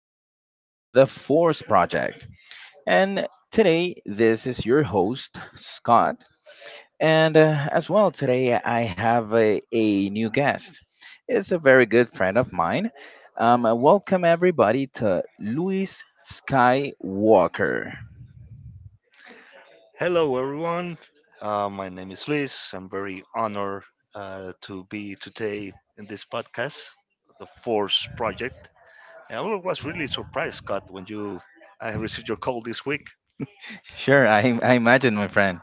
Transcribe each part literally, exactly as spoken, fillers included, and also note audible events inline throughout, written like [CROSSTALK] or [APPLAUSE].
podcast, The Force Project. And today, this is your host, Scott. And uh, as well, today I have a, a new guest. It's a very good friend of mine. Um, uh, welcome, everybody, to Luis Skywalker. Hello, everyone. Uh, my name is Luis. I'm very honored uh, to be today in this podcast, the Force Project. I wa- was really surprised, Scott, when you I received your call this week. Sure, I, I imagine, my friend.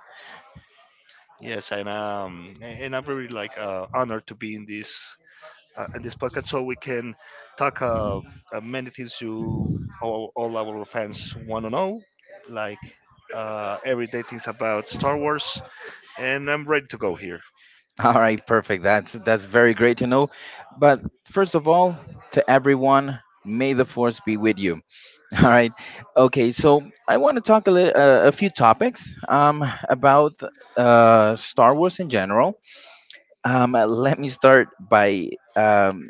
Yes, and um, a- and I'm very like uh, honored to be in this uh, in this podcast, so we can talk uh, uh, many things you all, all our fans want to know, like uh, everyday things about Star Wars. And I'm ready to go here. [LAUGHS] All right, perfect. That's that's very great to know. But first of all, to everyone, may the force be with you. [LAUGHS] All right. Okay, so I want to talk a little, uh, a few topics um about uh Star Wars in general. Um uh, let me start by um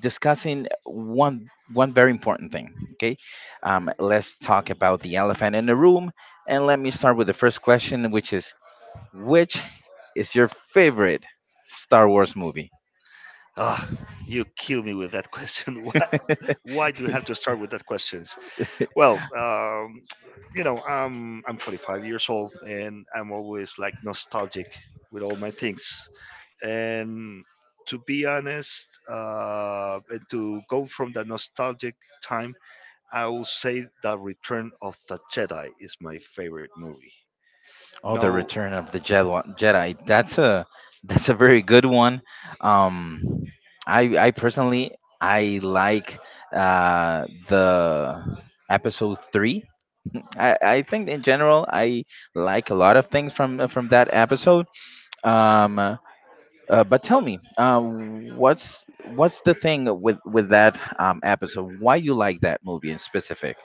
discussing one one very important thing, okay? Um let's talk about the elephant in the room, and let me start with the first question, which is which is your favorite Star Wars movie? Ah, you kill me with that question. [LAUGHS] Why, why do we have to start with that questions? Well, um, you know, um, I'm forty-five years old and I'm always like nostalgic with all my things. And to be honest, uh, and to go from that nostalgic time, I will say that Return of the Jedi is my favorite movie. You Oh, the know, Return of the Jedi. Jedi. That's a that's a very good one. Um, I I personally I like uh, the episode three. I, I think in general I like a lot of things from from that episode. Um, uh, but tell me, uh, what's what's the thing with with that um, episode? Why you like that movie in specific?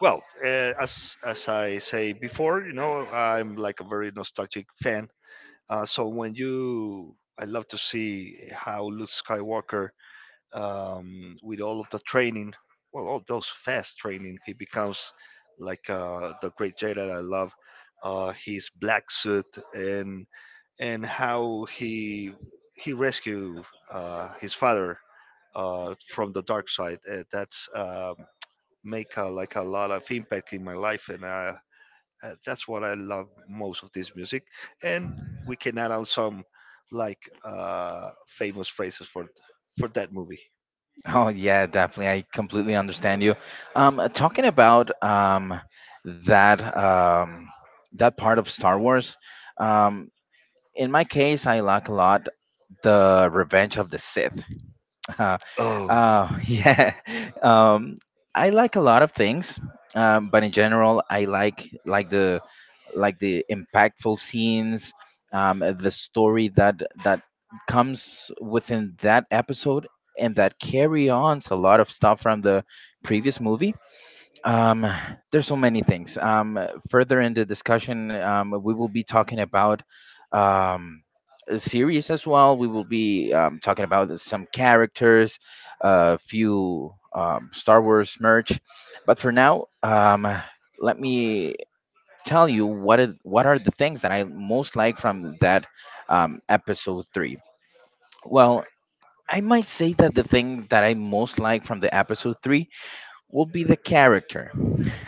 well, uh, as as I say before, you know, I'm like a very nostalgic fan. Uh, so when you, I love to see how Luke Skywalker, um, with all of the training, well, all those fast training, he becomes like uh, the great Jedi that I love. Uh, his black suit and and how he he rescue uh, his father uh, from the dark side. Uh, that's um, Make a, like a lot of impact in my life, and I uh, that's what I love most of this music, and we can add on some like uh, famous phrases for for that movie. Oh yeah, definitely. I completely understand you. Um, uh, talking about um, that um, that part of Star Wars. Um, in my case, I like a lot the Revenge of the Sith. Uh, Oh, uh, [LAUGHS] yeah. Um, I like a lot of things, um, but in general, I like like the like the impactful scenes, um, the story that that comes within that episode and that carry on a lot of stuff from the previous movie. Um, there's so many things. Um, uh, further in the discussion, um, we will be talking about um, a series as well. We will be um, talking about some characters, a few um, Star Wars merch. But for now, um, let me tell you what it, what are the things that I most like from that um, episode three. Well, I might say that the thing that I most like from the episode three will be the character.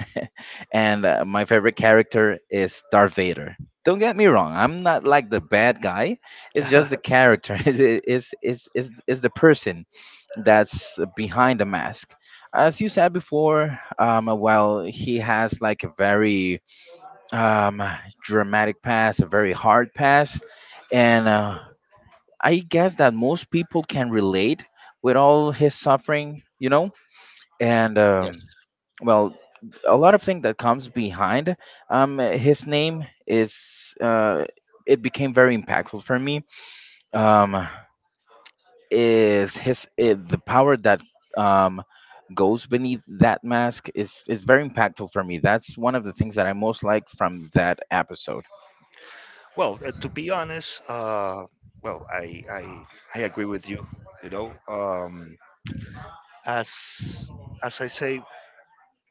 [LAUGHS] and uh, my favorite character is Darth Vader. Don't get me wrong, I'm not like the bad guy. It's just the [LAUGHS] character. [LAUGHS] It's, is is is is the person that's behind the mask. As you said before, um, well, he has like a very um, dramatic pass, a very hard pass. And uh, I guess that most people can relate with all his suffering, you know? And. yes. Um, well, a lot of things that comes behind um his name, is uh it became very impactful for me. um is his I the power that um goes beneath that mask is is very impactful for me. That's one of the things that I most like from that episode. Well, uh, to be honest, uh, well, I, I I agree with you. You know, um, as as I say,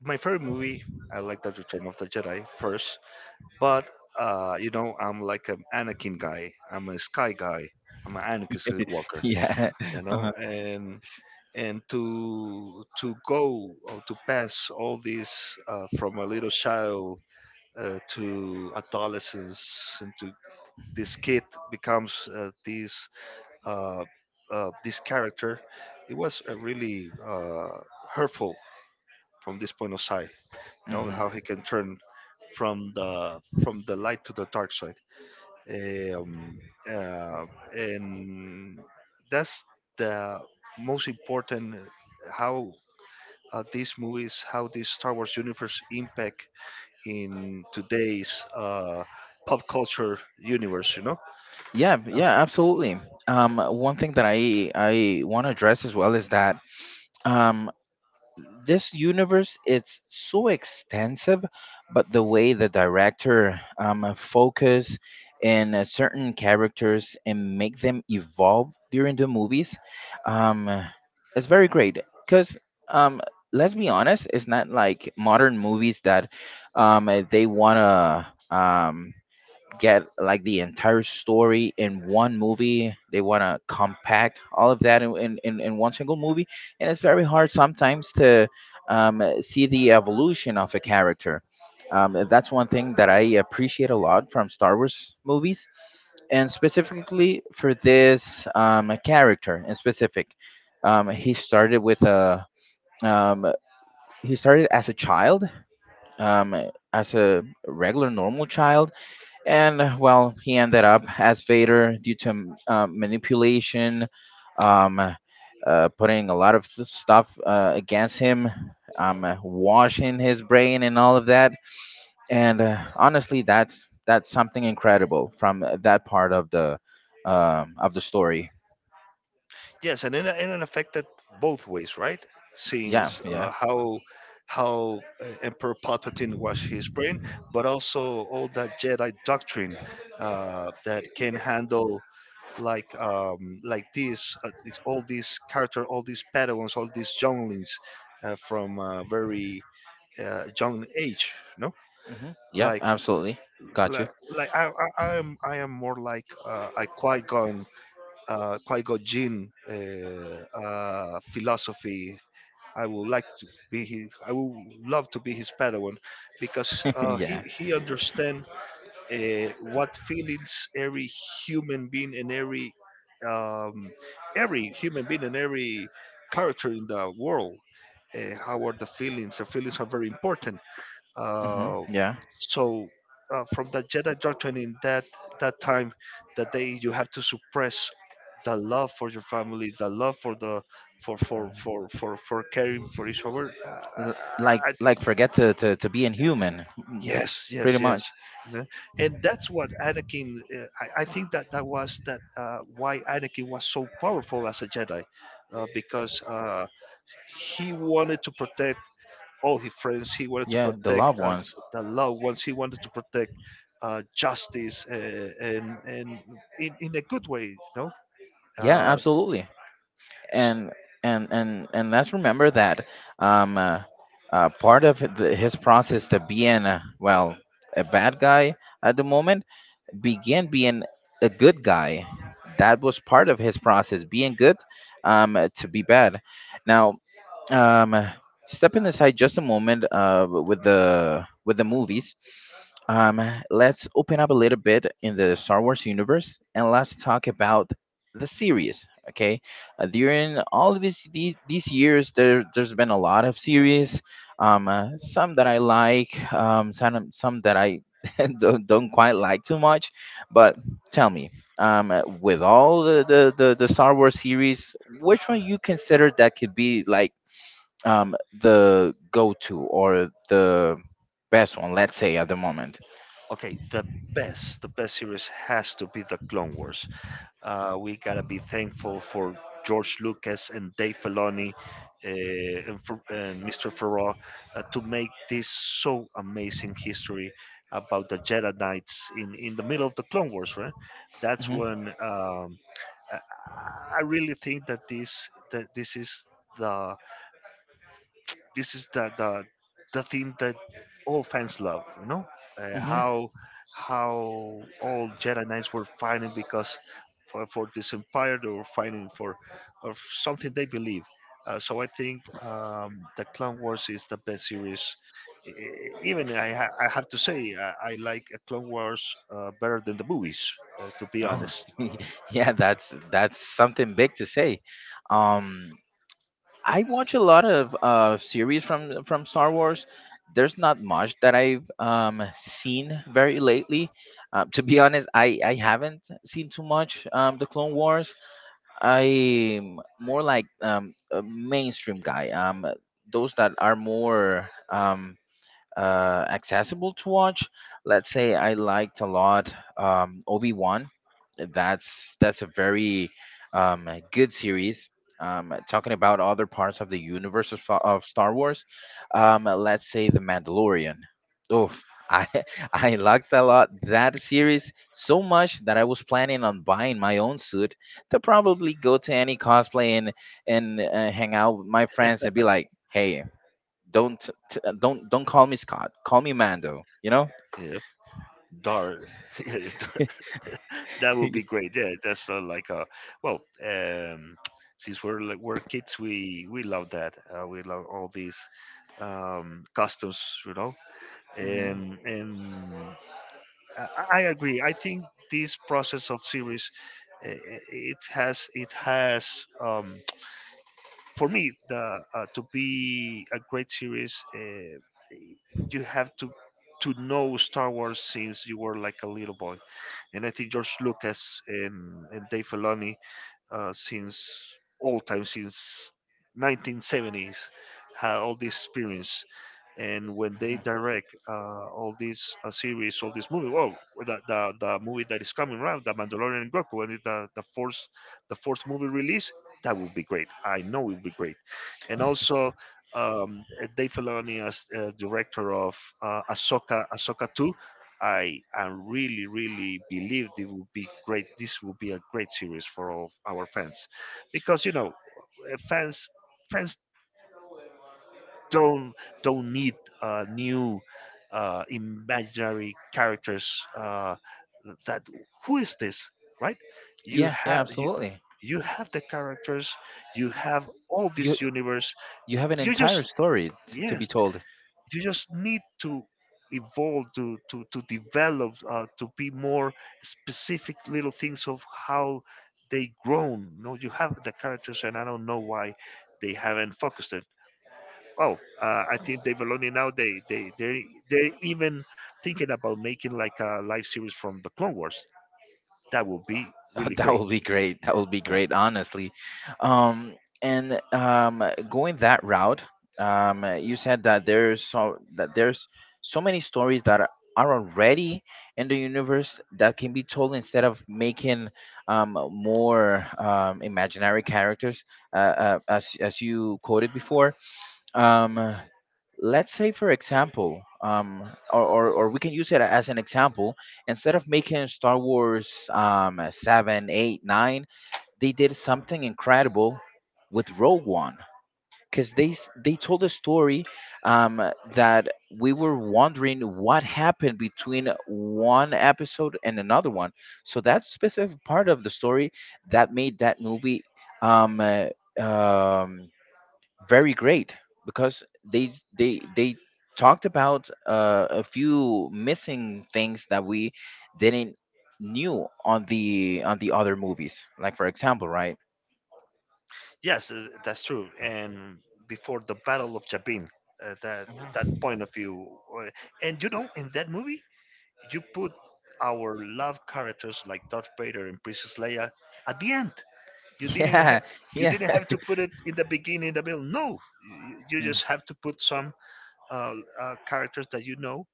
my favorite movie, I like the Return of the Jedi first, but uh, you know, I'm like an Anakin guy. I'm a Sky guy. I'm an Anakin Skywalker. [LAUGHS] Yeah. You Uh-huh. know, and and to to go or to pass all this uh, from a little child uh, to adolescence and to this kid becomes uh, this uh, uh, this character. It was uh, really uh, hurtful from this point of sight. You know how Hmm. he can turn from the from the light to the dark side, um, uh, and that's the most important, how uh, these movies, how this Star Wars universe impact in today's uh, pop culture universe, you know? Yeah, Uh, yeah, absolutely. Um one thing that i i want to address as well is that um this universe, it's so extensive, but the way the director um, focus in uh, certain characters and make them evolve during the movies um, it's very great, because um, let's be honest, it's not like modern movies that um, uh, they want to um get like the entire story in one movie. They want to compact all of that in, in, in in one single movie. And it's very hard sometimes to um, uh, see the evolution of a character. Um, that's one thing that I appreciate a lot from Star Wars movies, and specifically for this um, character in specific. Um, he started with a um, he started as a child, um, as a regular normal child, and uh, well, he ended up as Vader due to m- uh, manipulation, um, uh, putting a lot of th- stuff uh, against him, um, uh, washing his brain and all of that. And uh, honestly, that's that's something incredible from uh, that part of the um, of the story. Yes, and in a- in an effect that both ways, right? Yeah, Since yeah. uh, how how uh, Emperor Palpatine was his brain, but also all that Jedi doctrine uh, that can handle like um, like this, uh, this- all these character, all these Padawans, all these younglings uh, from a very uh, young age, no? Hmm. Yep, like absolutely. Got like, you. like, I, I I am I am more like uh, a Qui Gon uh, Qui Gon Jinn uh, uh, philosophy. I would like to be his, I would love to be his Padawan because [LAUGHS] uh, Yeah. he he understands uh, what feelings every human being and every um, every human being and every character in the world. Uh, how are the feelings? The feelings are very important Hmm. uh, Yeah. so uh, from the Jedi doctrine in that that time that they you have to suppress the love for your family, the love for the for for for for for caring for each other. L- like Uh, like forget to, to to be inhuman, m- Yes, pretty yes, yes. much. You know? And that's what Anakin. Uh, I, I think that that was that uh, why Anakin was so powerful as a Jedi, uh, because uh, he wanted to protect all his friends. He wanted to Yeah, the protect loved uh, ones. the loved ones. He wanted to protect uh, justice uh, and and in, in a good way, you know. Yeah, Uh, absolutely. s- And and and and let's remember that um, uh, uh, part of the, his process to being uh, well, a bad guy at the moment began being a good guy. That was part of his process, being good um, uh, to be bad. Now, um stepping aside just a moment uh with the with the movies, um let's open up a little bit in the Star Wars universe, and let's talk about the series, okay? Uh, during all of these these, these years, there there's been a lot of series. Um uh, some that I like, um some some that I [LAUGHS] don't, don't quite like too much. But tell me, um uh, with all the, the the the Star Wars series, which one you consider that could be like um, the go-to or the best one, let's say at the moment. okay, the best, the best series has to be the Clone Wars. Uh, we gotta be thankful for George Lucas and Dave Filoni uh, and, for, and Mister Farrar uh, to make this so amazing history about the Jedi Knights in, in the middle of the Clone Wars, right? That's Hmm. when um, I I really think that this that this is the this is the the the thing that all fans love. You know uh, Hmm. how how all Jedi Knights were fighting because for, for this empire they were fighting for of something they believe. Uh, so I think um, the Clone Wars is the best series. E- e- Even I, ha- I have to say I, I like uh, Clone Wars uh, better than the movies. Uh, to be Oh, honest, [LAUGHS] yeah, that's that's something big to say. Um, I watch a lot of uh, series from from Star Wars. There's not much that I've um, seen very lately. Uh, to be honest, I, I haven't seen too much um, the Clone Wars. I'm more like um, a mainstream guy. Um, those that are more um, uh, accessible to watch. Let's say I liked a lot um, Obi Wan. That's that's a very um, a good series. Um, talking about other parts of the universe of, Fa- of Star Wars, um, let's say The Mandalorian. Oof, I [LAUGHS] I liked a lot that series so much that I was planning on buying my own suit to probably go to any cosplay and and uh, hang out with my friends and be like, hey, don't t- t- uh, don't don't call me Scott. Call me Mando. You know? [LAUGHS] yeah. Dark, [LAUGHS] that would be great. Yeah, that's uh, like a well. Um, since we're like we're kids, we we love that. Uh, we love all these um, customs, you know. Mhm. And and I, I agree. I think this process of series eh, eh, it has it has um, for me the uh, to be a great series. Uh, you have to to know Star Wars since you were like a little boy, and I think George Lucas and, and Dave Filoni, uh, since all time, since nineteen seventies, had all this experience. And when they direct uh, all these uh, series, all this movie, well, the, the, the movie that is coming around, The Mandalorian and Grogu, when it, the, the, fourth, the fourth movie release, that would be great. I know it would be great. And also, um, Dave Filoni as uh, director of uh, Ahsoka, Ahsoka two, I am really, really believe it will be great. This will be a great series for all our fans, because you know, uh, fans fans don't don't need uh, new uh, imaginary characters. Uh, that who is this, right? You Yeah, yeah, have you absolutely. you have the characters, you have all You this universe. you eh, have an You entire just story t- to be yes, told. you just need to evolve to to to develop uh, to be more specific little things of how they grown. You know, you have the characters, and I don't know why they haven't focused it. Well, uh, I think they've already, now they they they they're even thinking about making like a live series from the Clone Wars. That would be [LAUGHS] really That great. will be great. That will be Yeah. great, honestly. Um, and um, going that route, um, you said that there's so that there's so many stories that are are already in the universe that can be told, instead of making um, more um, imaginary characters, uh, uh, as as you quoted before. um, let's say for example, um, or, or, or we can use it as an example, instead of making Star Wars um, seven eight, nine, they did something incredible with rogue one because they, s- they told a story um, that we were wondering what happened between one episode and another one. So that specific part of the story that made that movie um, uh, um, very great, because they they they talked about uh, a few missing things that we didn't knew on the on the other movies, like for example, right? Yes, uh, that's true. And before the battle of Jabin, uh, that that Mhm. point of view, uh, and you know, in that movie you put our love characters like Darth Vader and Princess Leia at the end. You didn't have Yeah, you yeah. didn't have [LAUGHS] to put it in the beginning, in the middle. No, you, you Mm, just have to put some uh, uh, characters that you know.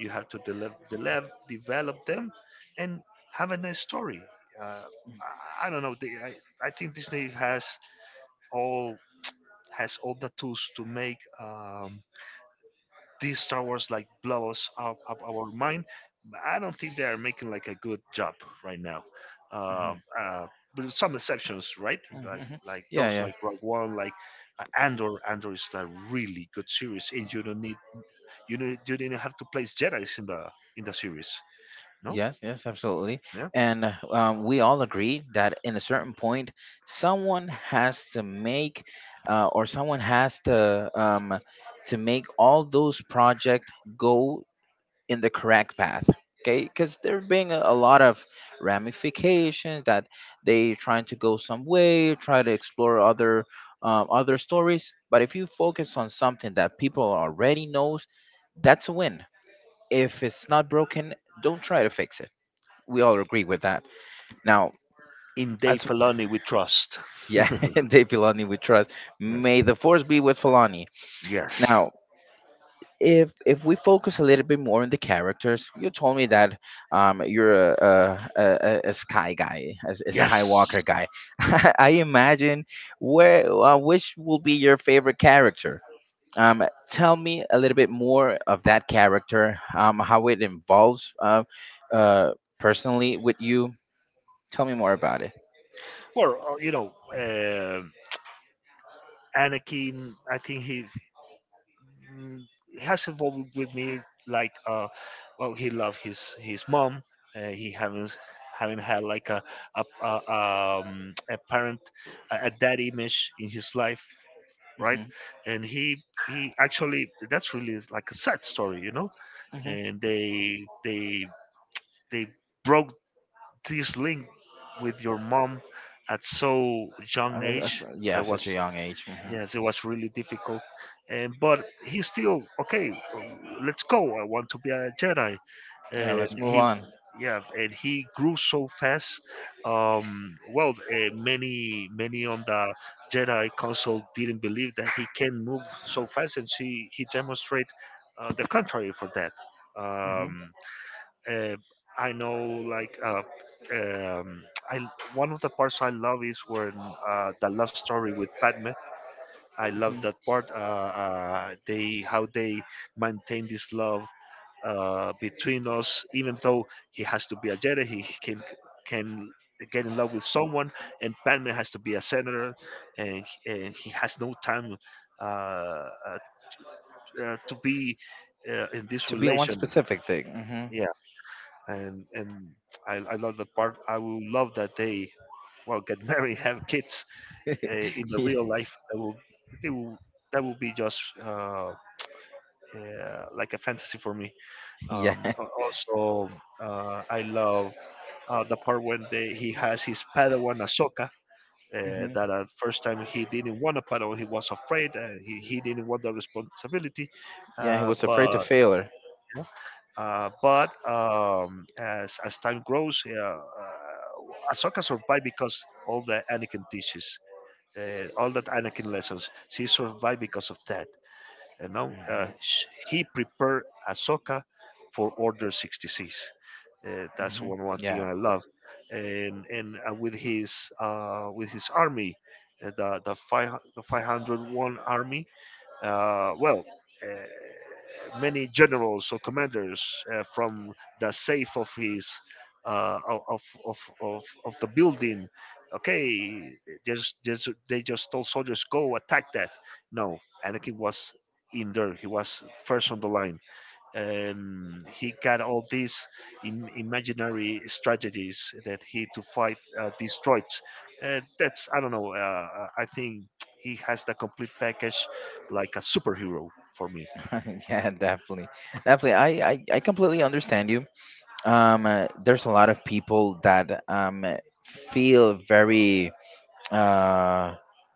You have to develop, develop, develop them, and have a nice story. Uh, I I don't know. They, I, I think Disney has all has all the tools to make um, these Star Wars like blow us out of our mind. But I don't think they are making like a good job right now. mhm, Um, uh, but some exceptions, right? mm, Like mhm. like Yeah, those, yeah. like Rogue One, like uh, Andor. Andor is a really good series, and you don't need, you know, you didn't have to place Jedi's in the in the series. No, Yes, yes, absolutely. yeah. And uh, um, we all agree that in a certain point someone has to make, uh, or someone has to um, to make all those project go in the correct path, okay, because there being a, a lot of ramifications that they trying to go some way, try to explore other um, other stories. But if you focus on something that people already knows, that's a win. If it's not broken, don't try to fix it. We all agree with that. Now, In Dave as Filoni, we trust. yeah, [LAUGHS] [LAUGHS] Dave Filoni, we trust. Yes, May the force be with Filoni. yes, Now, if if we focus a little bit more on the characters, you told me that um, you're a, a, a, a a sky guy, a, a yes. Skywalker guy. [LAUGHS] I imagine where uh, which will be your favorite character. Um, Tell me a little bit more of that character, um, how it involves uh, uh, personally with you. Tell me more about it. Well, uh, you know, um Anakin. I think he mm, it has evolved with me like uh well, he loved his his mom. Uh, he haven't haven't had like a a, a um a parent, a, a dad image in his life, right? Hmm. And he he actually, that's really is like a sad story, you know. Hmm. And they they they broke this link with your mom at so young age. Yeah, That was such a young age. Hmm. Yes, it was really difficult, and but he still okay. Uh, let's go. I want to be a Jedi, Yeah, and let's move he, on. yeah, and he grew so fast. Um, well, uh, many many on the Jedi Council didn't believe that he can move so fast, and he he demonstrate uh, the contrary for that. Hmm. Um, uh, I know, like. Uh, um, I one of the parts I love is when uh, the love story with Padme. I love Hmm. that part. Uh, uh, they How they maintain this love uh, between us, even though he has to be a Jedi, he he can can get in love with someone, and Padme has to be a senator, and and he has no time uh, uh, uh, to be uh, in this To be one relation. specific thing. Yeah, and and I, I love that part. I will love that they well get [LAUGHS] married, have kids uh, in the Hmm. real [LAUGHS] life. That will they will that will be just uh, uh, like a fantasy for me. Yeah. Um, [LAUGHS] al- also, uh, I love uh, the part when they, he has his Padawan Ahsoka. Uh, hmm. that at first time he didn't want a Padawan, he was afraid, and he, he didn't want the responsibility. Yeah, he Uh, was afraid to but fail her. uh, but um, as as time grows, uh, uh, Ahsoka survived because all the Anakin teaches, uh, all that Anakin lessons. She survived because of that. You know, Hmm. uh, sh- he prepared Ahsoka for Order sixty-six. Uh, that's Hmm. one one thing Yeah. I love, and and uh, with his uh, with his army, uh, the the five the five hundred one army, uh, well, uh, many generals or commanders uh, from the safe of his uh, of, of, of, of of the building. Okay, just, just they just told soldiers go attack that. No, Anakin was in there. He was first on the line, um, he got all these Im- imaginary strategies that he to fight uh, these droids. Uh, that's, I don't know. Uh, I think he has the complete package, like a superhero for me. [LAUGHS] Yeah, definitely. Definitely. I, I, I completely understand you. Um, uh, there's a lot of people that um feel very uh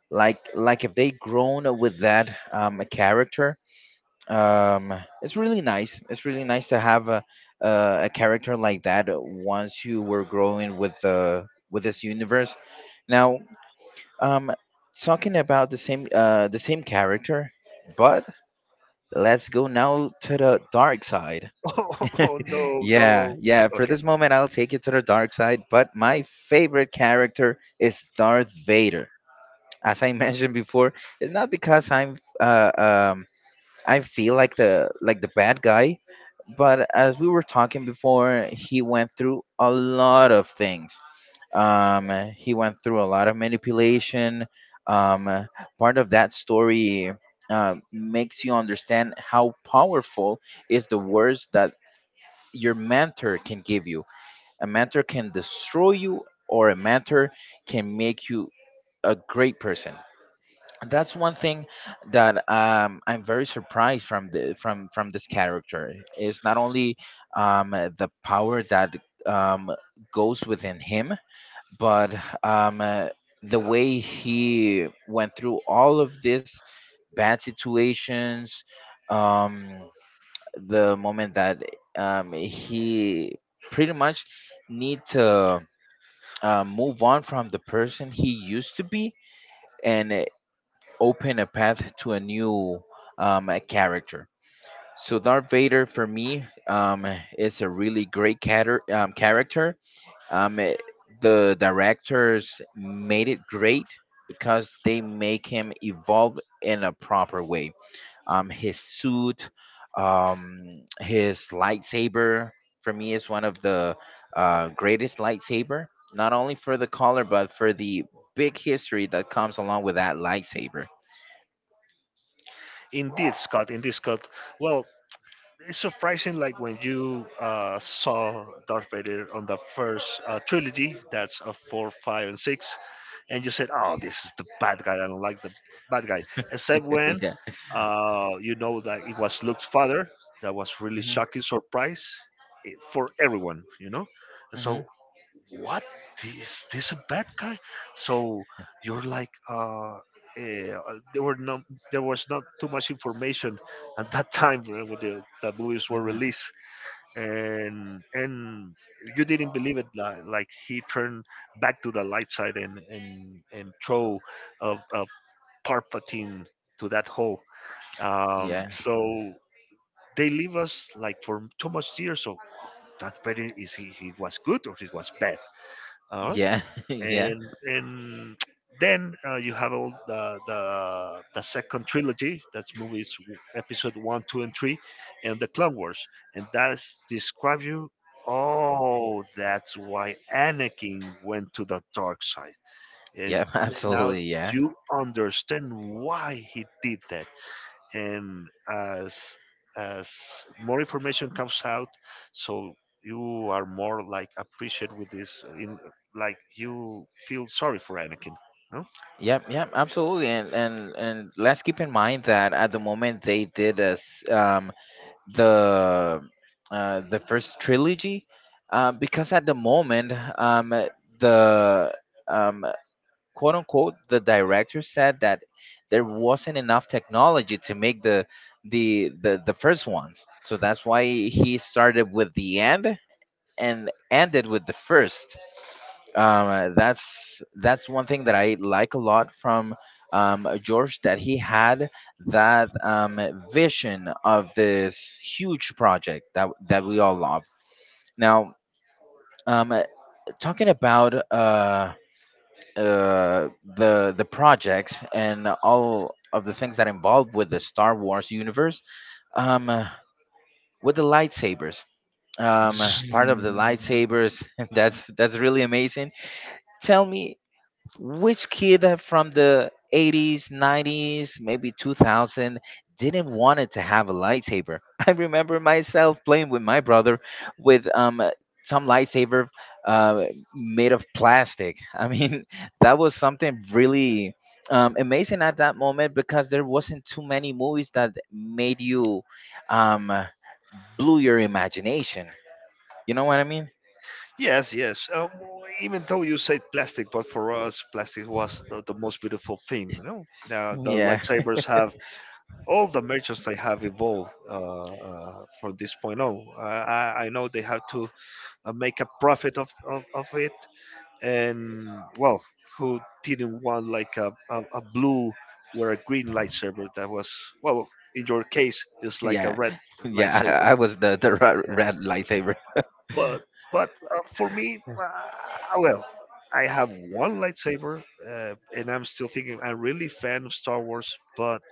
like like if they grown up with that um a character. Um, it's really nice. It's really nice to have a a, a character like that once you were growing with the with this universe. Now, Um, talking about the same uh the same character, but let's go now to the dark side. [LAUGHS] [LAUGHS] Oh, no, Yeah, no. yeah. For Okay, this moment, I'll take it to the dark side. But my favorite character is Darth Vader. As I [LAUGHS] mentioned before, it's not because I'm uh um I feel like the like the bad guy, but as we were talking before, he went through a lot of things. Um, he went through a lot of manipulation. Um, part of that story uh, makes you understand how powerful is the words that your mentor can give you. A mentor can destroy you, or a mentor can make you a great person. That's one thing that um, I'm very surprised from the from from this character is not only um, uh, the power that um, goes within him, but um, uh, the way he went through all of this bad situations. Um, the moment that um, he pretty much need to uh, move on from the person he used to be, and uh, open a path to a new um, a character. So Darth Vader for me, um, is a really great cater- um, character. Um, eh, the directors made it great because they make him evolve in a proper way. Um, his suit, um, his lightsaber for me is one of the uh, greatest lightsaber. Not only for the color, but for the big history that comes along with that lightsaber. indeed, Scott. Indeed, Scott. Well, it's surprising. Like when you uh, saw Darth Vader on the first uh, trilogy, that's a four, five, and six, and you said, "Oh, this is the bad guy. I don't like the bad guy." Except when [LAUGHS] uh, you know that it was Luke's father. That was really Hmm. shocking surprise, eh, for everyone, you know. And Hmm. so, what, is this a bad guy? So you're like, uh, eh, uh, there were no, there was not too much information at that time, eh, when the, the movies were Hmm. released, and and you didn't believe it, li- like he turned back to the light side, and and and throw a, a Palpatine to that hole. um Yeah, so they leave us like for too much years, so that better is, he, he was good or he was bad. uh, yeah, [LAUGHS] yeah. and and then uh, you have all the, the the second trilogy, that's movies w- episode one two and three and the Clone Wars, and that's describe you, oh, that's why Anakin went to the dark side. And Yep, n- now absolutely, yeah, you understand why he did that, and as as more information comes out, so you are more like appreciated with this in, like you feel sorry for Anakin, no. yep, yep, absolutely, and and and let's keep in mind that at the moment they did as um the uh the first trilogy, uh, because at the moment um the um quote unquote the director said that there wasn't enough technology to make the the the the first ones, so that's why he started with the end and ended with the first. Um, uh, that's that's one thing that I like a lot from, um, George, that he had that, um, vision of this huge project that that we all love. Now, um, uh, talking about, uh, uh, the the project and all of the things that involved with the Star Wars universe, um, uh, with the lightsabers. Um, uh, Zzzz. part of the lightsabers. [LAUGHS] that's that's really amazing. Tell me, which kid from the eighties, nineties, maybe two thousand didn't want it to have a lightsaber? [LAUGHS] I remember myself playing with my brother with, um uh, some lightsaber, uh, made of plastic. I mean, [LAUGHS] that was something really, um, amazing at that moment, because there wasn't too many movies that made you, um, uh, blew your imagination. You know what I mean? Yes, yes. Um, even though you said plastic, but for us, plastic was the, the most beautiful thing. You know, now the Yeah, lightsabers have all the merchants they have evolved, uh, uh, from this point on. Uh, I, I know they have to uh, make a profit of, of, of it, and well, who didn't want like a, a, a blue or a green lightsaber, that was, well, in your case, it's [LAUGHS] like a yeah, red yeah. lightsaber. I, I was the the ra- Yeah, red lightsaber. but but uh, for me, uh, well, I have one lightsaber, uh, and I'm still thinking I'm really fan of Star Wars. But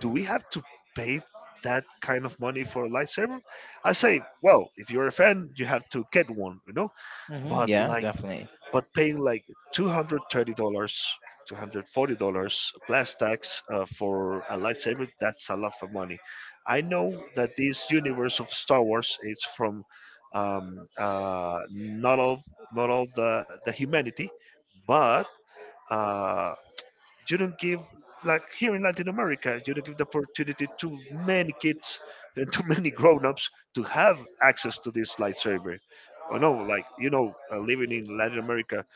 do we have to pay that kind of money for a lightsaber? I say, well, if you're a fan, you have to get one, you know. Hmm. But Yeah, like, definitely. but paying like two hundred thirty dollars, two hundred forty dollars plus tax uh, for a lightsaber, that's a lot of money. I know that this universe of Star Wars is from, um, uh, not all not all the, the humanity, but uh, you don't give, like here in Latin America, you don't give the opportunity to many kids and to many grown-ups to have access to this lightsaber. I know, like you know, uh, living in Latin America uh,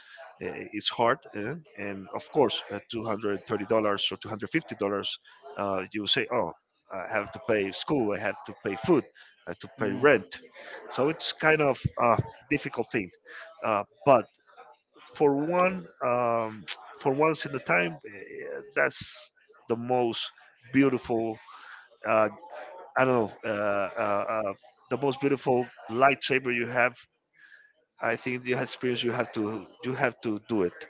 is hard, uh, and of course, uh, two hundred thirty dollars or two hundred fifty dollars, uh, you say, oh, I have to pay school, I have to pay food, I have to pay Mm. rent, so it's kind of a difficult thing. Uh, but for one um, for once in a time, eh, that's the most beautiful, uh, I don't know, uh, uh, uh, the most beautiful lightsaber you have. I think the experience, you have to you have to do it.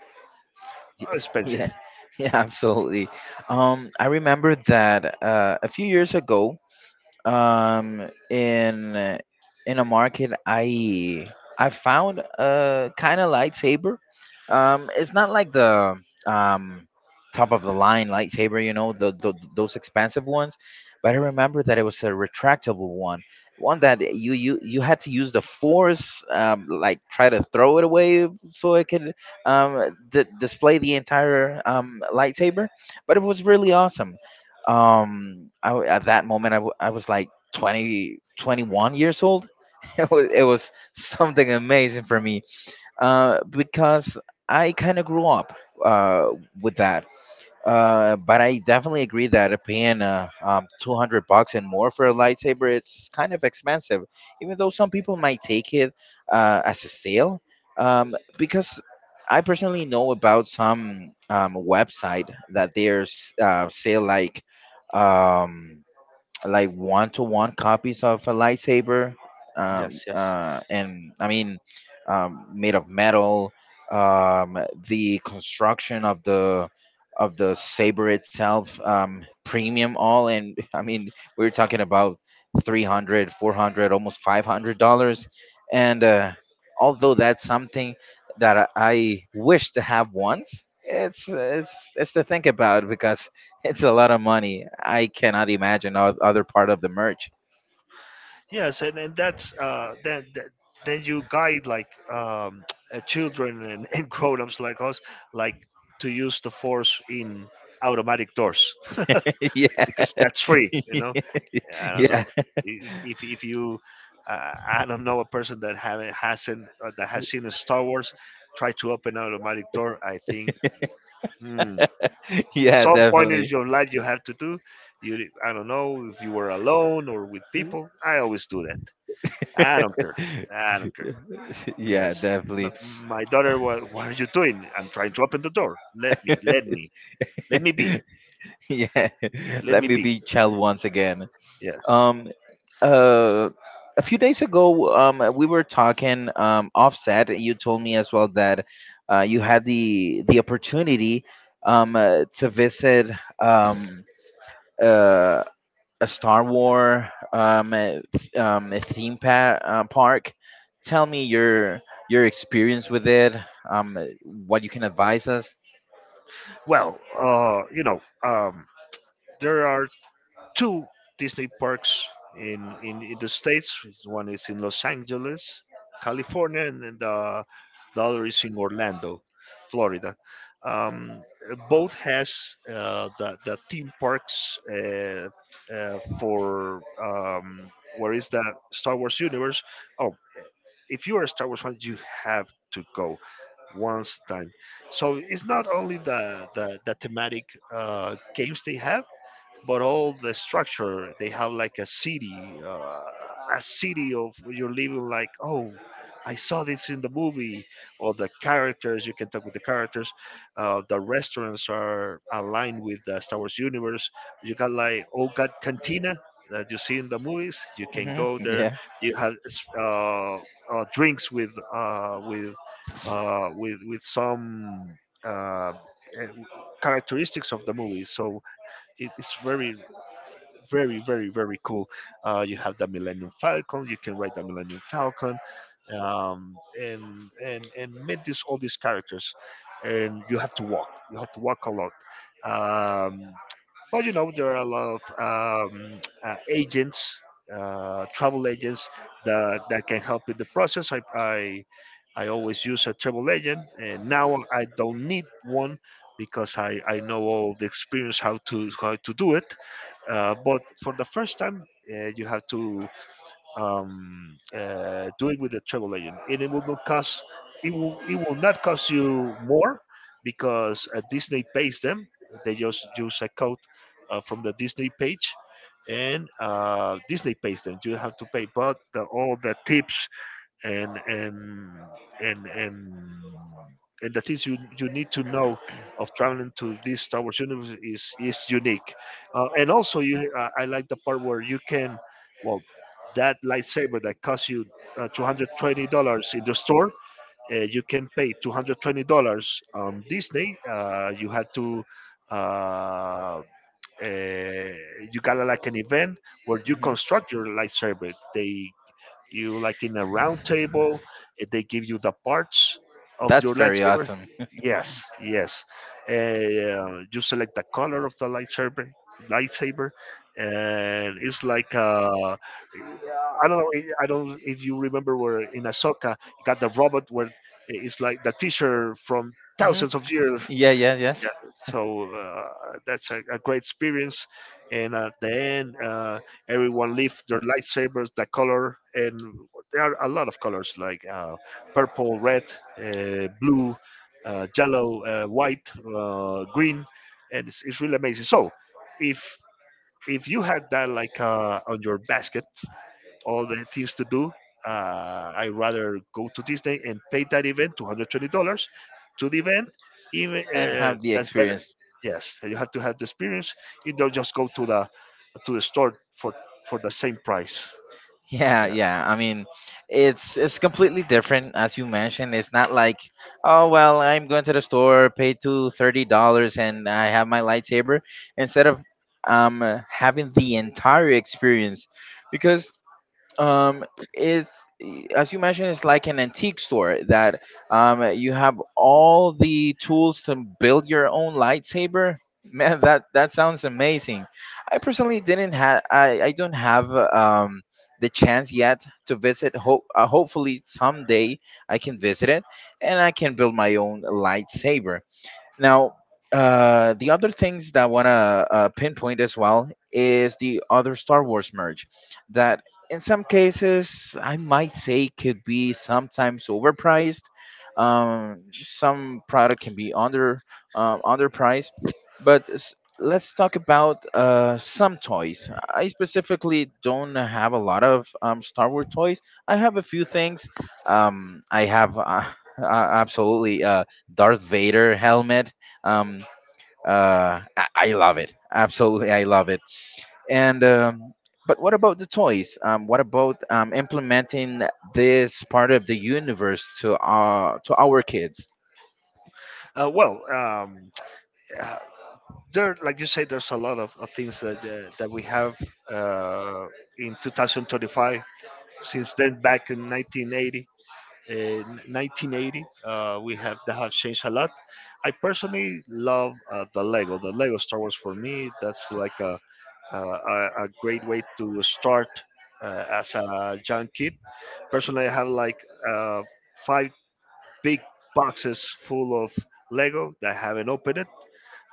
y- Uh, [LAUGHS] expensive. Yeah, yeah, absolutely. Um, I remember that, uh, a few years ago, Um, in in a market, I I found a kind of lightsaber. Um, it's not like the, um top of the line lightsaber, you know, the, the those expensive ones. But I remember that it was a retractable one, one that you you you had to use the force, um, like try to throw it away so it could um d- display the entire, um lightsaber. But it was really awesome. Um I, w- at that moment, I, w- I was like twenty twenty one years old. [LAUGHS] it was, it was something amazing for me, uh, because I kind of grew up, uh, with that, uh, but I definitely agree that paying, uh, um, two hundred bucks and more for a lightsaber, it's kind of expensive, even though some people might take it, uh, as a sale. Um, because I personally know about some, um, website that there's, uh, sale like, um, like one to one copies of a lightsaber, um, Yes, yes, uh, and I mean, um, made of metal. Um, the construction of the of the saber itself, um, premium all, and [LAUGHS] I mean, we were talking about three hundred, four hundred, almost five hundred dollars, and uh, although that's something that i I wish to have once, it's it's it's to think about, because it's a lot of money. I cannot imagine, o- other part of the merch. yes. And, and that's uh that, that then you guide, like, um [TSK] uh, children and, and [LAUGHS] grown-ups like us, like, to use the force in automatic doors, [LAUGHS] Yeah. because that's free, you know. I [LAUGHS] don't Yeah. know if, if, if you, uh, I don't know a person that haven't hasn't uh, that has seen a Star Wars, try to open an automatic door. I think, hmm, [LAUGHS] Yeah, some point in definitely. your [LAUGHS] life you have to do. You, I don't know if you were alone or with people. I always do that. I don't care. I don't care. Yeah, Yes. definitely. But my daughter, what, what are you doing? I'm trying to open the door. Let me, let me, let me be, [LAUGHS] Yeah. [LAUGHS] let Let me me be. be child once again. Yes. Um uh a few days ago, um we were talking, um offset, you told me as well that, uh you had the the opportunity, um uh, to visit, um uh a Star Wars, um, a, th- um, a theme pa- uh, park. Tell me your your experience with it. Um, what you can advise us. Well, uh, you know, um, there are two Disney parks in, in, in the States. One is in Los Angeles, California, and then the, the other is in Orlando, Florida. Um, uh, Both has uh, the, the theme parks, uh, uh, for, um, where is that Star Wars universe. Oh, if you are a Star Wars fan, you have to go once time. So it's not only the the, the thematic uh, games they have, but all the structure they have, like a city, uh, a city of you're living, like, oh, I saw this in the movie. Or the characters, you can talk with the characters. Uh, the restaurants are aligned with the Star Wars universe. You got like, oh god, cantina, that you see in the movies, you can Hmm. go [LAUGHS] there. Yeah. You have uh, uh, drinks with uh, with uh, with with some uh, eh, characteristics of the movie, so it is very, very, very, very cool. Uh, you have the Millennium Falcon, you can ride the Millennium Falcon, um, and and and meet these all these characters, and you have to walk you have to walk a lot. um, but you know, there are a lot of um, uh, agents, uh, travel agents that, that can help with the process. I, I I always use a travel agent, and now I don't need one because I, I know all the experience, how to how to do it. Uh, but for the first time, uh, you have to um, uh, do it with the travel agent, and it will not cost. It will it will not cost you more because uh, Disney pays them. They just use a code uh, from the Disney page, and uh, Disney pays them. You have to pay, but the, all the tips and and and and and the things you you need to know of traveling to this Star Wars universe is is unique, uh, and also you uh, I like the part where you can, well, that lightsaber that costs you uh, two hundred twenty dollars in the store, uh, you can pay two hundred twenty dollars on Disney. Uh, you had to. Uh, uh, you got like an event where you Hmm, construct your lightsaber. They, you, like in a round table, and they give you the parts of that's your very lightsaber. awesome. [LAUGHS] Yes, yes. Uh, you select the color of the lightsaber lightsaber and it's like, uh I don't know, I don't if you remember, where in Ahsoka you got the robot where, eh, it's like the teacher from Hmm. thousands of years. Yeah, yeah, yes, Yeah. So uh, that's a, a great experience, and at the end, uh, everyone left their lightsabers, the color, and there are a lot of colors like, uh, purple, red, uh, blue, uh, yellow, uh, white, uh, green, and it's, it's really amazing. So, if if you had that, like, uh, on your basket all the things to do. Uh, I rather go to Disney and pay that event two hundred twenty dollars to the event. Even and uh, have the that's better. experience. Yes, you have to have the experience. You don't just go to the to the store for for the same price. Yeah, Yeah. yeah. I mean, it's it's completely different, as you mentioned. It's not like, oh well, I'm going to the store, pay two thirty dollars, and I have my lightsaber, instead of, um uh, having the entire experience, because um it's, as you mentioned, it's like an antique store that, um you have all the tools to build your own lightsaber. [LAUGHS] Man, that that sounds amazing. I personally didn't have, i i don't have, uh, um the chance yet to visit. Hope uh, hopefully someday I can visit it, and I can build my own lightsaber. Now, uh, the other things that I want to, uh, pinpoint as well is the other Star Wars merge that, in some cases, I might say could be sometimes overpriced. Um, some product can be under, um, underpriced, but s- let's talk about, uh, some toys. I specifically don't have a lot of, um, Star Wars toys. I have a few things. Um, I have, uh, [LAUGHS] uh, absolutely, Darth Vader helmet. Um, uh, I, I love it. Absolutely, I love it. And, um, but what about the toys? Um, what about, um, implementing this part of the universe, to uh to our kids? Uh, well, um, uh, there, like you say, there's a lot of, of things that uh, that we have uh, in two thousand twenty-five. Since then, back in nineteen eighty, uh, nineteen eighty uh, we have that have changed a lot. I personally love, uh, the Lego, the lego Star Wars, for me that's like a, a, a a great way to start, uh, as a young kid. Personally, I have like uh, five big boxes full of Lego that I haven't opened it.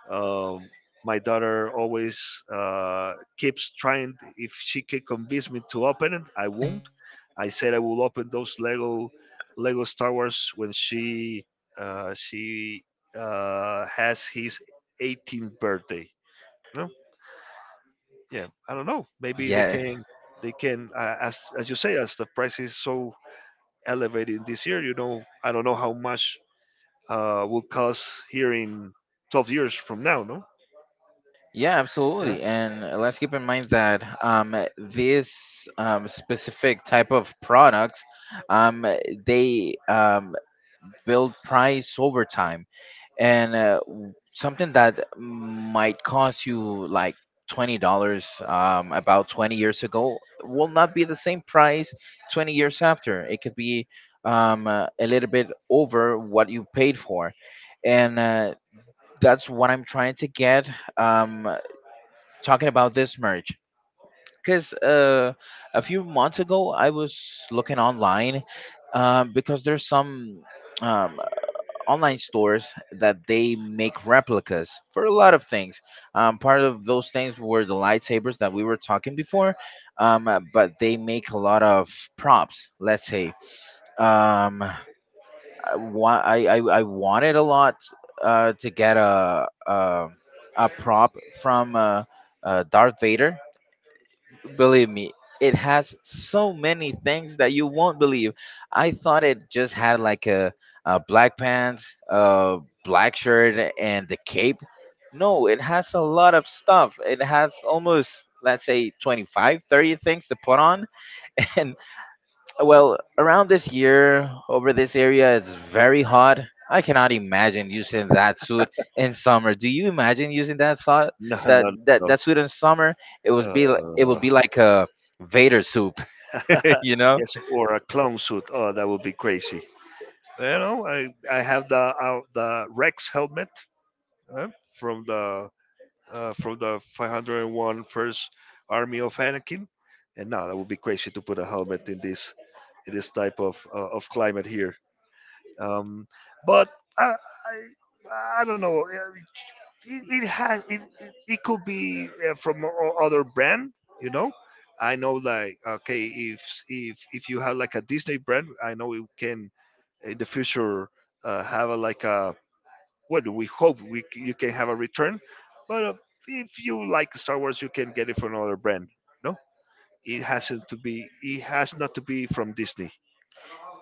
um, my daughter always uh, keeps trying. If she can convince me to open it, I won't. I said I will open those Lego Lego Star Wars when she uh, she uh, has his eighteenth birthday. No, yeah, I don't know. Maybe they Yeah, can they can uh, as as you say, as the price is so elevated this year. You know, I don't know how much uh, will cost here in twelve years from now. No. yeah, Yeah. absolutely. [LAUGHS] And, uh, let's keep in mind that, um, this, um, specific type of products, um, they, um, build price over time. And uh, w- something that might cost you like twenty dollars, um, about twenty years ago will not be the same price twenty years after. It could be, um, uh, a little bit over what you paid for, and, uh, that's what I'm trying to get. Um, uh, talking about this merch, because, uh, a few months ago I was looking online, um, because there's some. Um, online stores that they make replicas for a lot of things. Um, part of those things were the lightsabers that we were talking before, um, uh, but they make a lot of props. Let's say, um, I, wa- I, I I wanted a lot, uh, to get a, a a prop from, uh, uh, Darth Vader. Believe me, it has so many things that you won't believe. I thought it just had like a, a black pants, a black shirt, and the cape. No, it has a lot of stuff. It has almost, let's say, twenty-five, thirty things to put on. [LAUGHS] Well, around this year, over this area, it's very hot. I cannot imagine using that suit in summer. Do you imagine using that suit, No, that no, that no. that suit in summer? It would be li- it Uh, would be like a Vader soup, [LAUGHS] you [LAUGHS] know? yes, or a clown suit. Oh, that would be crazy. You know, I, I have the uh, the Rex helmet uh, from the uh, from the five hundred and one Army of Anakin, and now that would be crazy to put a helmet in this in this type of uh, of climate here. Um, but I, I I don't know. uh, it, it has it, it, it could be uh, from o- other brand. You know I know, like, okay, if if if you have like a Disney brand, I know it can in the future uh, have a, like a, what we hope we c- you can have a return. But uh, if you like Star Wars, you can get it from another brand, no? It hasn't to be, it has not to be from Disney.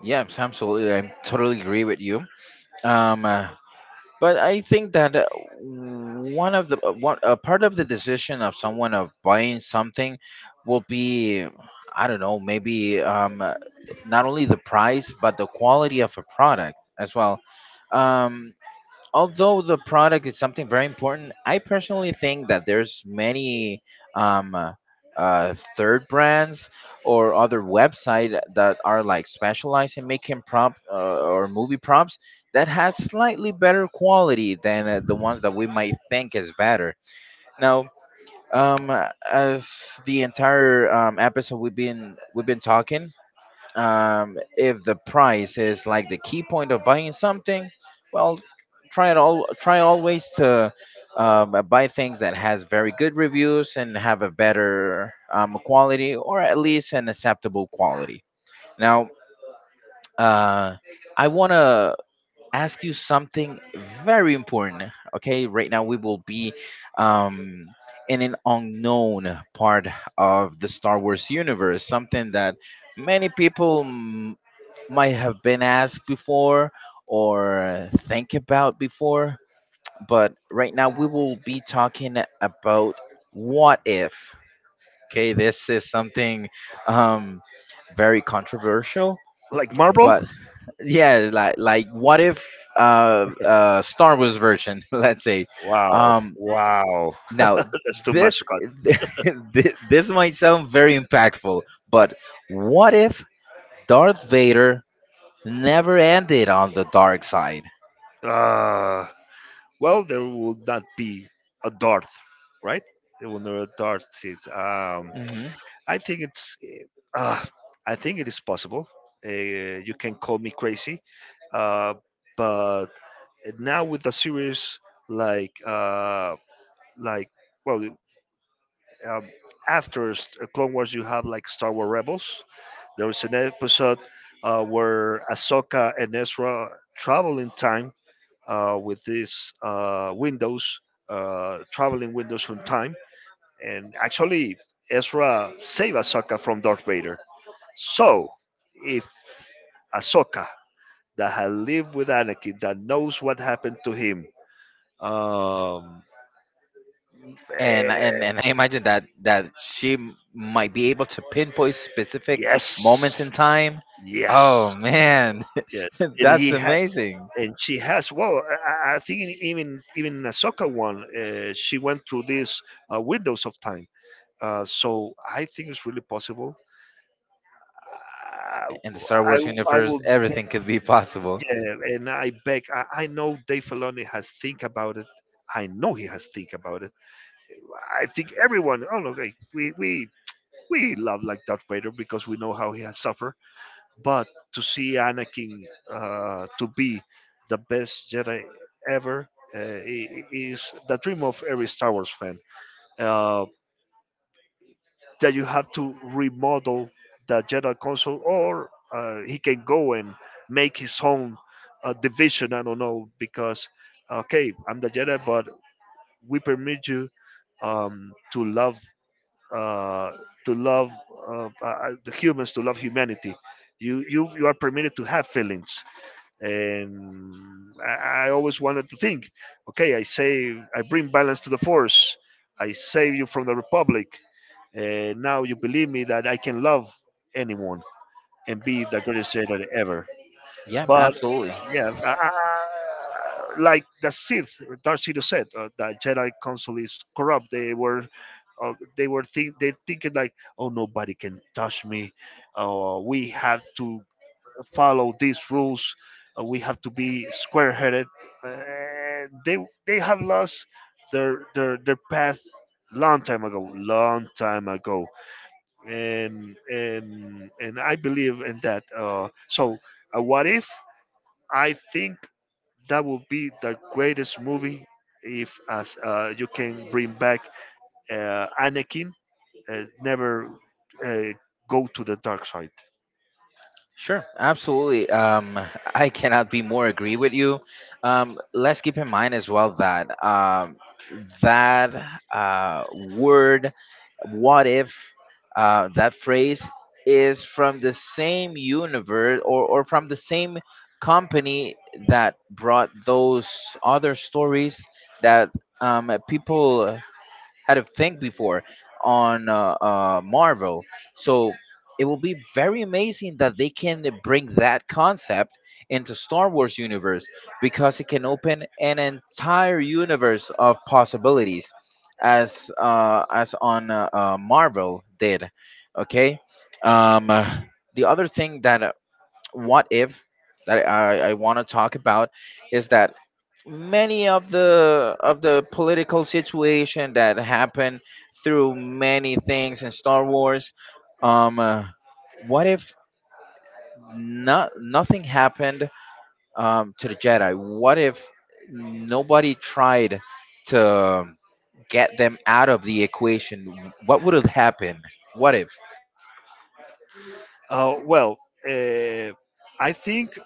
Yeah, abs- absolutely. I totally agree with you. Um, uh, But I think that, uh, one of the, uh, one a part of the decision of someone of buying something will be, I don't know, maybe, um, uh, not only the price but the quality of a product as well. Um, although the product is something very important, I personally think that there's many, um, uh, uh, third brands or other website that are like specialized in making prop, uh, or movie props that has slightly better quality than, uh, the ones that we might think is better. Now, um, as the entire, um, episode we've been we've been talking, um, if the price is like the key point of buying something, well, try it all. Try always to, um, buy things that has very good reviews and have a better, um, quality, or at least an acceptable quality. Now, uh, I want to ask you something very important. Okay, right now we will be, um, in an unknown part of the Star Wars universe, something that many people might have been asked before or think about before, but right now we will be talking about what if. Okay, this is something, um, very controversial, Like Marvel. but yeah, like like what if, uh, uh, Star Wars version, [LAUGHS] let's say. wow Um, wow [LAUGHS] now that's too this, much, god. [LAUGHS] thi- this might sound very impactful, but what if Darth Vader never ended on the dark side? Ah. Well, there will not be a dart, right? There will not a dart. It, um, Hmm. I think it's. Uh, I think it is possible. Uh, you can call me crazy, uh, but now with the series like uh, like, well, um, after S- uh, Clone Wars, you have like Star Wars Rebels. There was an episode uh, where Ahsoka and Ezra travel in time uh, with these uh, windows, uh, traveling windows from time. And actually, Ezra saved Ahsoka from Darth Vader. So, if Ahsoka, that had lived with Anakin, that knows what happened to him, um, And eh, and and I imagine that that she, m- might be able to pinpoint specific yes, moments in time. yes, Oh man, yes, [LAUGHS] and that's he had. amazing! And she has, well, I, I I think even even Ahsoka one, uh, she went through these uh, windows of time. Uh, so I think it's really possible. Uh, In the Star I Wars I universe, will, everything could be possible. yeah, and I beg. I, I know Dave Filoni has think about it. I know he has think about it. I think everyone. Oh no, like, we we we love like Darth Vader because we know how he has suffered. But to see Anakin uh, to be the best Jedi ever, uh, i- i- is the dream of every Star Wars fan. Uh, that you have to remodel the Jedi console, or uh, he can go and make his own uh, division. I don't know because, okay, I'm the Jedi, but we permit you um, to love, uh, to love, uh, uh, uh, the humans, to love humanity. You, you, you are permitted to have feelings. And I, I always wanted to think, okay, I say I bring balance to the force, I save you from the republic, and now you believe me that I can love anyone and be the greatest Jedi ever. Yeah, But absolutely. yeah, uh, like the Sith, Darth Sidious said, uh, the Jedi Council is corrupt. They were, uh, they were think they thinking like, oh, nobody can touch me. Uh, we have to follow these rules. Uh, we have to be square-headed. And they they have lost their their their path long time ago, long time ago, and and and I believe in that. Uh, so, uh, what if, I think, that would be the greatest movie if as uh, you can bring back uh, Anakin uh, never uh, go to the dark side. Sure, absolutely. Um, I cannot be more agree with you. Um, let's keep in mind as well that, um, that, uh, word, what if, uh, that phrase is from the same universe, or, or from the same company that brought those other stories that, um, people had to think before on, uh, uh, Marvel. So it will be very amazing that they can bring that concept into Star Wars universe because it can open an entire universe of possibilities as uh, as on uh, uh, Marvel did. Okay. Um, uh, the other thing that uh, what if that I, I want to talk about is that many of the of the political situation that happened through many things in Star Wars. Um, uh, what if not nothing happened um, to the Jedi? What if nobody tried to get them out of the equation? What would have happened? What if Uh, well, uh, I think,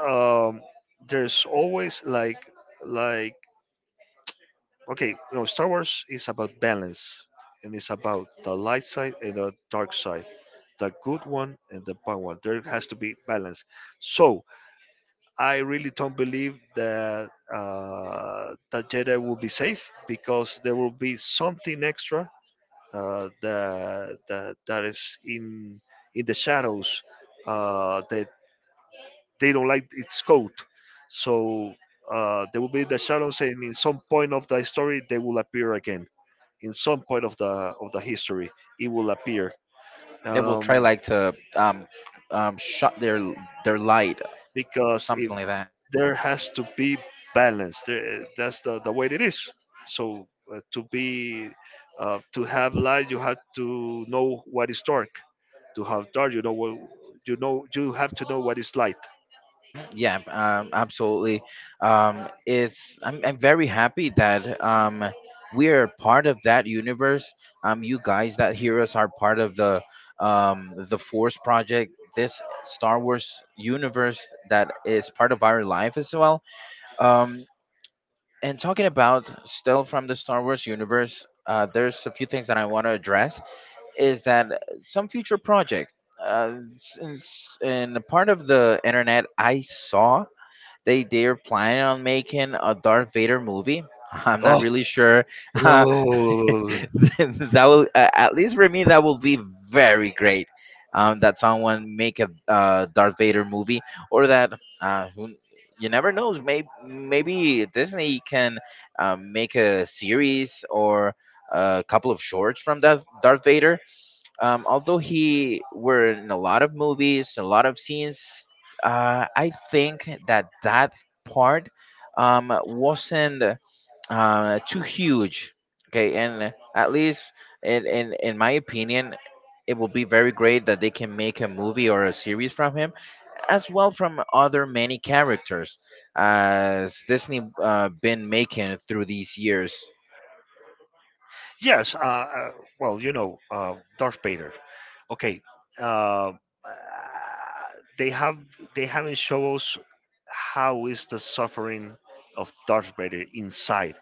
um, there's always like like okay, you know, Star Wars is about balance and it's about the light side and the dark side, the good one and the bad one. There has to be balance. So I really don't believe that uh, that Jedi will be safe because there will be something extra uh, that, that that is in in the shadows uh, that they don't like its code. So uh, there will be the shadows, and in some point of the story, they will appear again. In some point of the of the history, it will appear. they will try Um, like to um, um, shut their their light, because something if like that? there has to be balance. There, eh, that's the, the way it is. So uh, to be uh, to have light, you have to know what is dark. To have dark, you know what, you know. You have to know what is light. Yeah, um, absolutely. Um, it's I'm I'm very happy that um we are part of that universe. Um, you guys that hear us are part of the um the Force Project, this Star Wars universe that is part of our life as well. Um, and talking about still from the Star Wars universe, uh, there's a few things that I want to address. Is that some future projects? Uh, since in a part of the internet, I saw they they're planning on making a Darth Vader movie. [LAUGHS] I'm not Oh, really sure. [LAUGHS] that oh. Will uh, at least for me that will be very great. Um, that someone make a uh, Darth Vader movie, or that uh, who, you never knows. Maybe maybe Disney can um, make a series or a couple of shorts from that Darth Vader. Um, although he were in a lot of movies, a lot of scenes, uh, I think that that part um, wasn't uh, too huge. Okay, and at least in, in in my opinion, it will be very great that they can make a movie or a series from him, as well from other many characters as Disney uh, been making through these years. Yes. Uh, uh, well, you know, uh, Darth Vader. Okay. Uh, they have they haven't shown us how is the suffering of Darth Vader inside,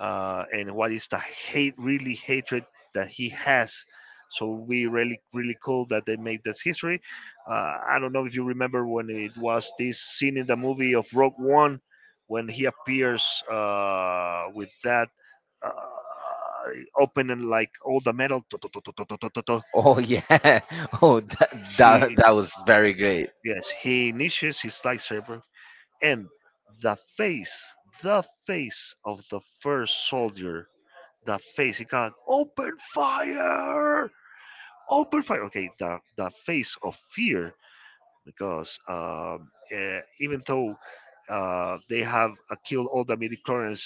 uh, and what is the hate, really hatred, that he has. So we really really cool that they made this history. Uh, I don't know if you remember when it was this scene in the movie of Rogue One when he appears uh, with that. Uh, Opening like all the metal tu- tu- tu- tu- tu- tu- tu- tu- tu. Oh yeah, [LAUGHS] oh that He, that, that was very great. yes, he initiates his lightsaber, and the face, the face of the first soldier, the face, he called open fire, open fire, okay, the the face of fear. Because um, eh, even though uh, they have uh, killed all the midichlorians,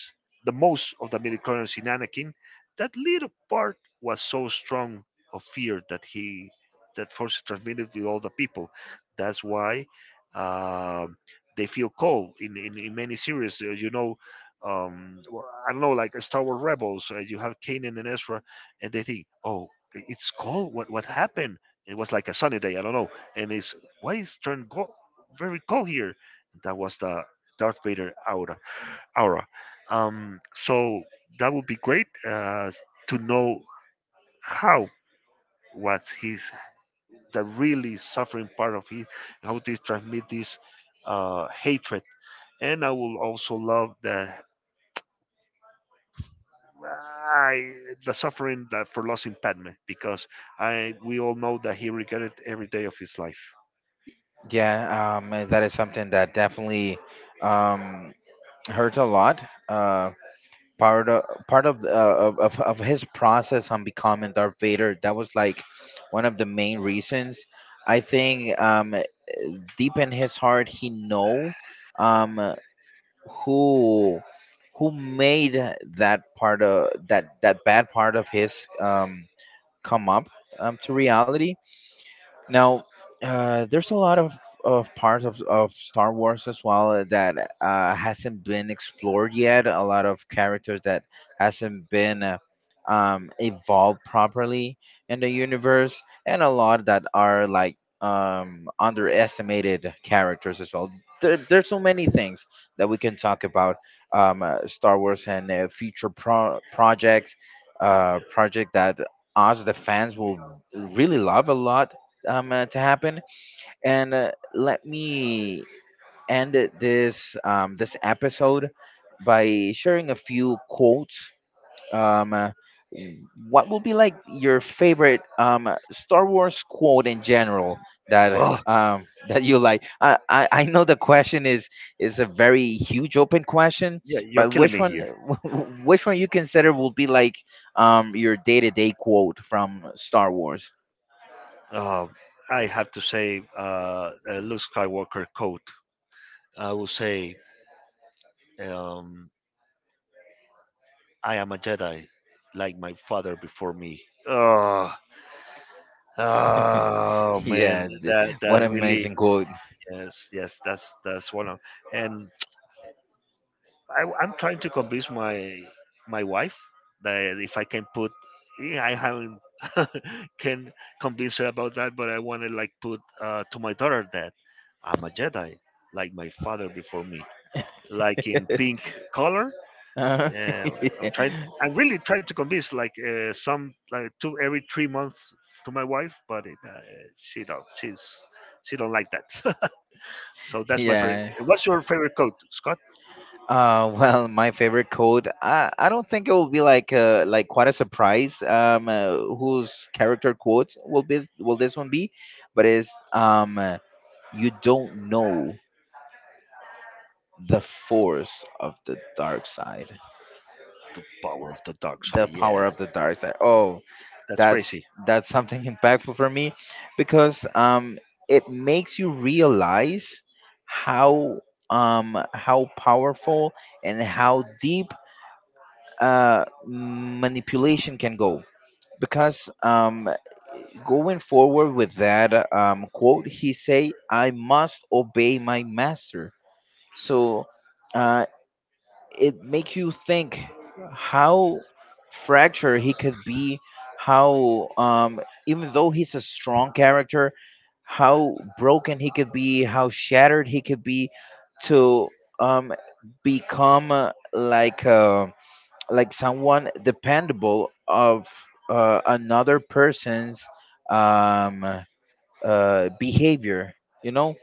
the most of the midichlorians in Anakin, that little part was so strong of fear that he, that force is transmitted with all the people. That's why um they feel cold in, in, in many series. uh, You know, um, well, I don't know, like uh, Star Wars Rebels, uh, you have Kanan and Ezra, and they think, oh, i- it's cold. What what happened? It was like a sunny day. I don't know, and it's, why is turned gold, very cold here? That was the Darth Vader aura. Aura. Um, so that would be great uh, to know how, what he's, the really suffering part of his, how they transmit this uh, hatred. And I will also love the, I, the suffering that for losing Padme, because I we all know that he regretted every day of his life. Yeah, um, uh, that is something that definitely um, hurt a lot. Uh, part of part of, the- uh, of of of his process on becoming Darth Vader that was like one of the main reasons. I think um, uh, deep in his heart he know um, uh, who who made that part of that that bad part of his um, come up um, to reality now, uh, there's a lot of, of parts of, of Star Wars as well that uh, hasn't been explored yet. A lot of characters that hasn't been uh, um, evolved properly in the universe, and a lot that are like um, underestimated characters as well. There, there's so many things that we can talk about um, uh, Star Wars and uh, future pro- projects, uh, project that us the fans will really love a lot um, uh, to happen. And uh, let me end this um, this episode by sharing a few quotes. Um, uh, what will be like your favorite um, uh, Star Wars quote in general that Oh um, [LAUGHS] that you like? I, I I know the question is is a very huge open question, yeah, you're but killing which me. one [LAUGHS] which one you consider will be like um, your day to day quote from Star Wars? [LAUGHS] Uh, I have to say, uh, uh, Luke Skywalker quote. I will say, um, "I am a Jedi, like my father before me." Oh, oh man, Yeah, th- that what that an really, amazing quote. yes, yes, that's that's one of. And I, I'm trying to convince my my wife that if I can put, yeah, I haven't [LAUGHS] can convince her about that, but I want to like put uh, to my daughter that I'm a Jedi, like my father before me. Like in pink color. Uh, Uh, I'm trying. I [LAUGHS] really trying to convince like uh, some like two every three months to my wife, but it, uh, she don't. She's she don't like that. [LAUGHS] So that's my favorite. yeah. What's your favorite coat, Scott? Uh, well, my favorite code. I, I don't think it will be like uh like quite a surprise. Um, uh, whose character quotes will be will this one be? But it's um, uh, you don't know the force of the dark side. The power of the dark The side. Yeah, power of the dark side. Oh, that's that's crazy. that's something [LAUGHS] impactful for me because um it makes you realize how um how powerful and how deep uh manipulation can go because um going forward with that um quote he say I must obey my master. So uh it makes you think how fractured he could be, how um even though he's a strong character, how broken he could be, how shattered he could be to um become uh, like uh, like someone dependable of uh, another person's um uh, behavior. You know,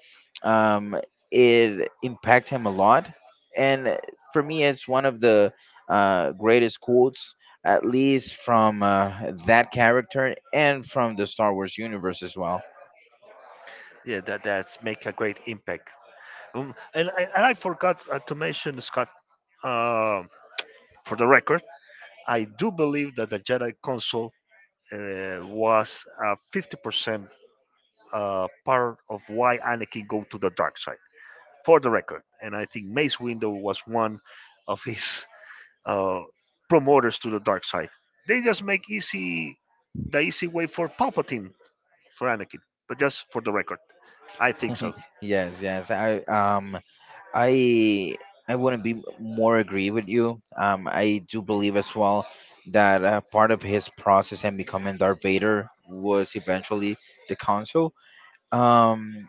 um, it impacted him a lot, and for me, it's one of the uh, greatest quotes, at least from uh, that character and from the Star Wars universe as well. Yeah, that that's make a great impact. Um, and, I- and I forgot uh, to mention Scott. Um, for the record, I do believe that the Jedi console uh, was a fifty percent uh, part of why Anakin go to the dark side. For the record, and I think Mace Windu was one of his uh, promoters to the dark side. They just make easy the easy way for Palpatine, for Anakin. But just for the record, I think so. [LAUGHS] Yes, yes, I um, I I wouldn't be more agree with you. Um, I do believe as well that uh, part of his process in becoming Darth Vader was eventually the council. Um,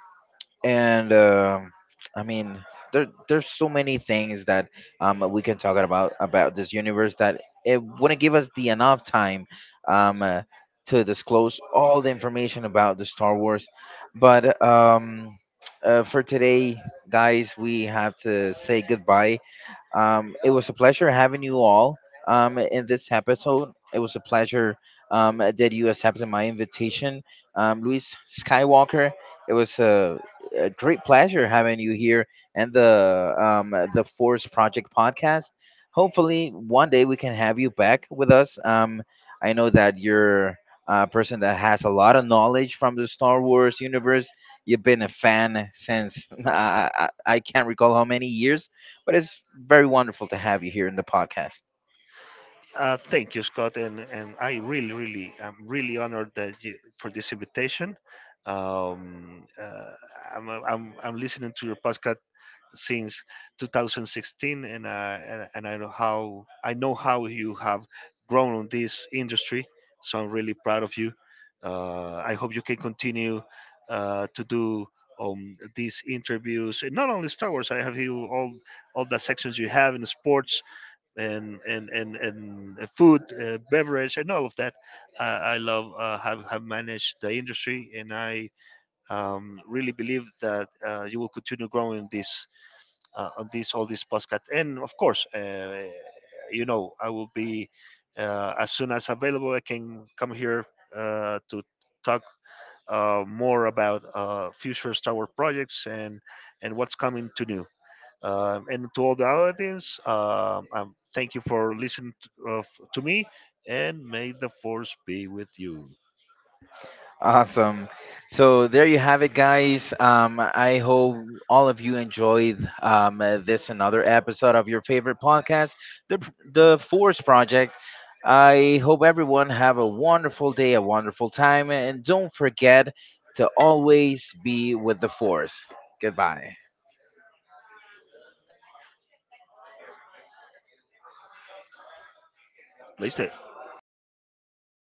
and um I mean, there there's so many things that um we can talk about about this universe that it wouldn't give us the enough time um uh, to disclose all the information about the Star Wars, but um uh, for today, guys, we have to say goodbye. Um, it was a pleasure having you all um, in this episode. It was a pleasure um, that you accepted my invitation. Um, Luis Skywalker, it was a, a great pleasure having you here and the um, the Force Project podcast. Hopefully, one day we can have you back with us. Um, I know that you're a person that has a lot of knowledge from the Star Wars universe. You've been a fan since [LAUGHS] I, I I can't recall how many years, but it's very wonderful to have you here in the podcast. Uh, thank you, Scott, and and I really, really, I'm really honored that you, for this invitation. Um, uh, I'm, I'm I'm listening to your podcast since two thousand sixteen, and uh, and, and I know how, I know how you have grown on this industry. So I'm really proud of you. Uh, I hope you can continue uh, to do um, these interviews, and not only Star Wars. I have you all all the sections you have in sports, and and and and uh, food, uh, beverage, and all of that. Uh, I love uh, have have managed the industry, and I um, really believe that uh, you will continue growing this uh, on these all these podcasts. And of course, uh, you know, I will be uh, as soon as available, I can come here uh, to talk uh, more about uh, future Star Wars projects and and what's coming to new. Um, and to all the audience, um, um, thank you for listening to, of, to me, and may the force be with you. Awesome. So there you have it, guys. Um, I hope all of you enjoyed um, uh, this another episode of your favorite podcast, the the Force Project. I hope everyone have a wonderful day, a wonderful time, and don't forget to always be with the Force. Goodbye. Please stay.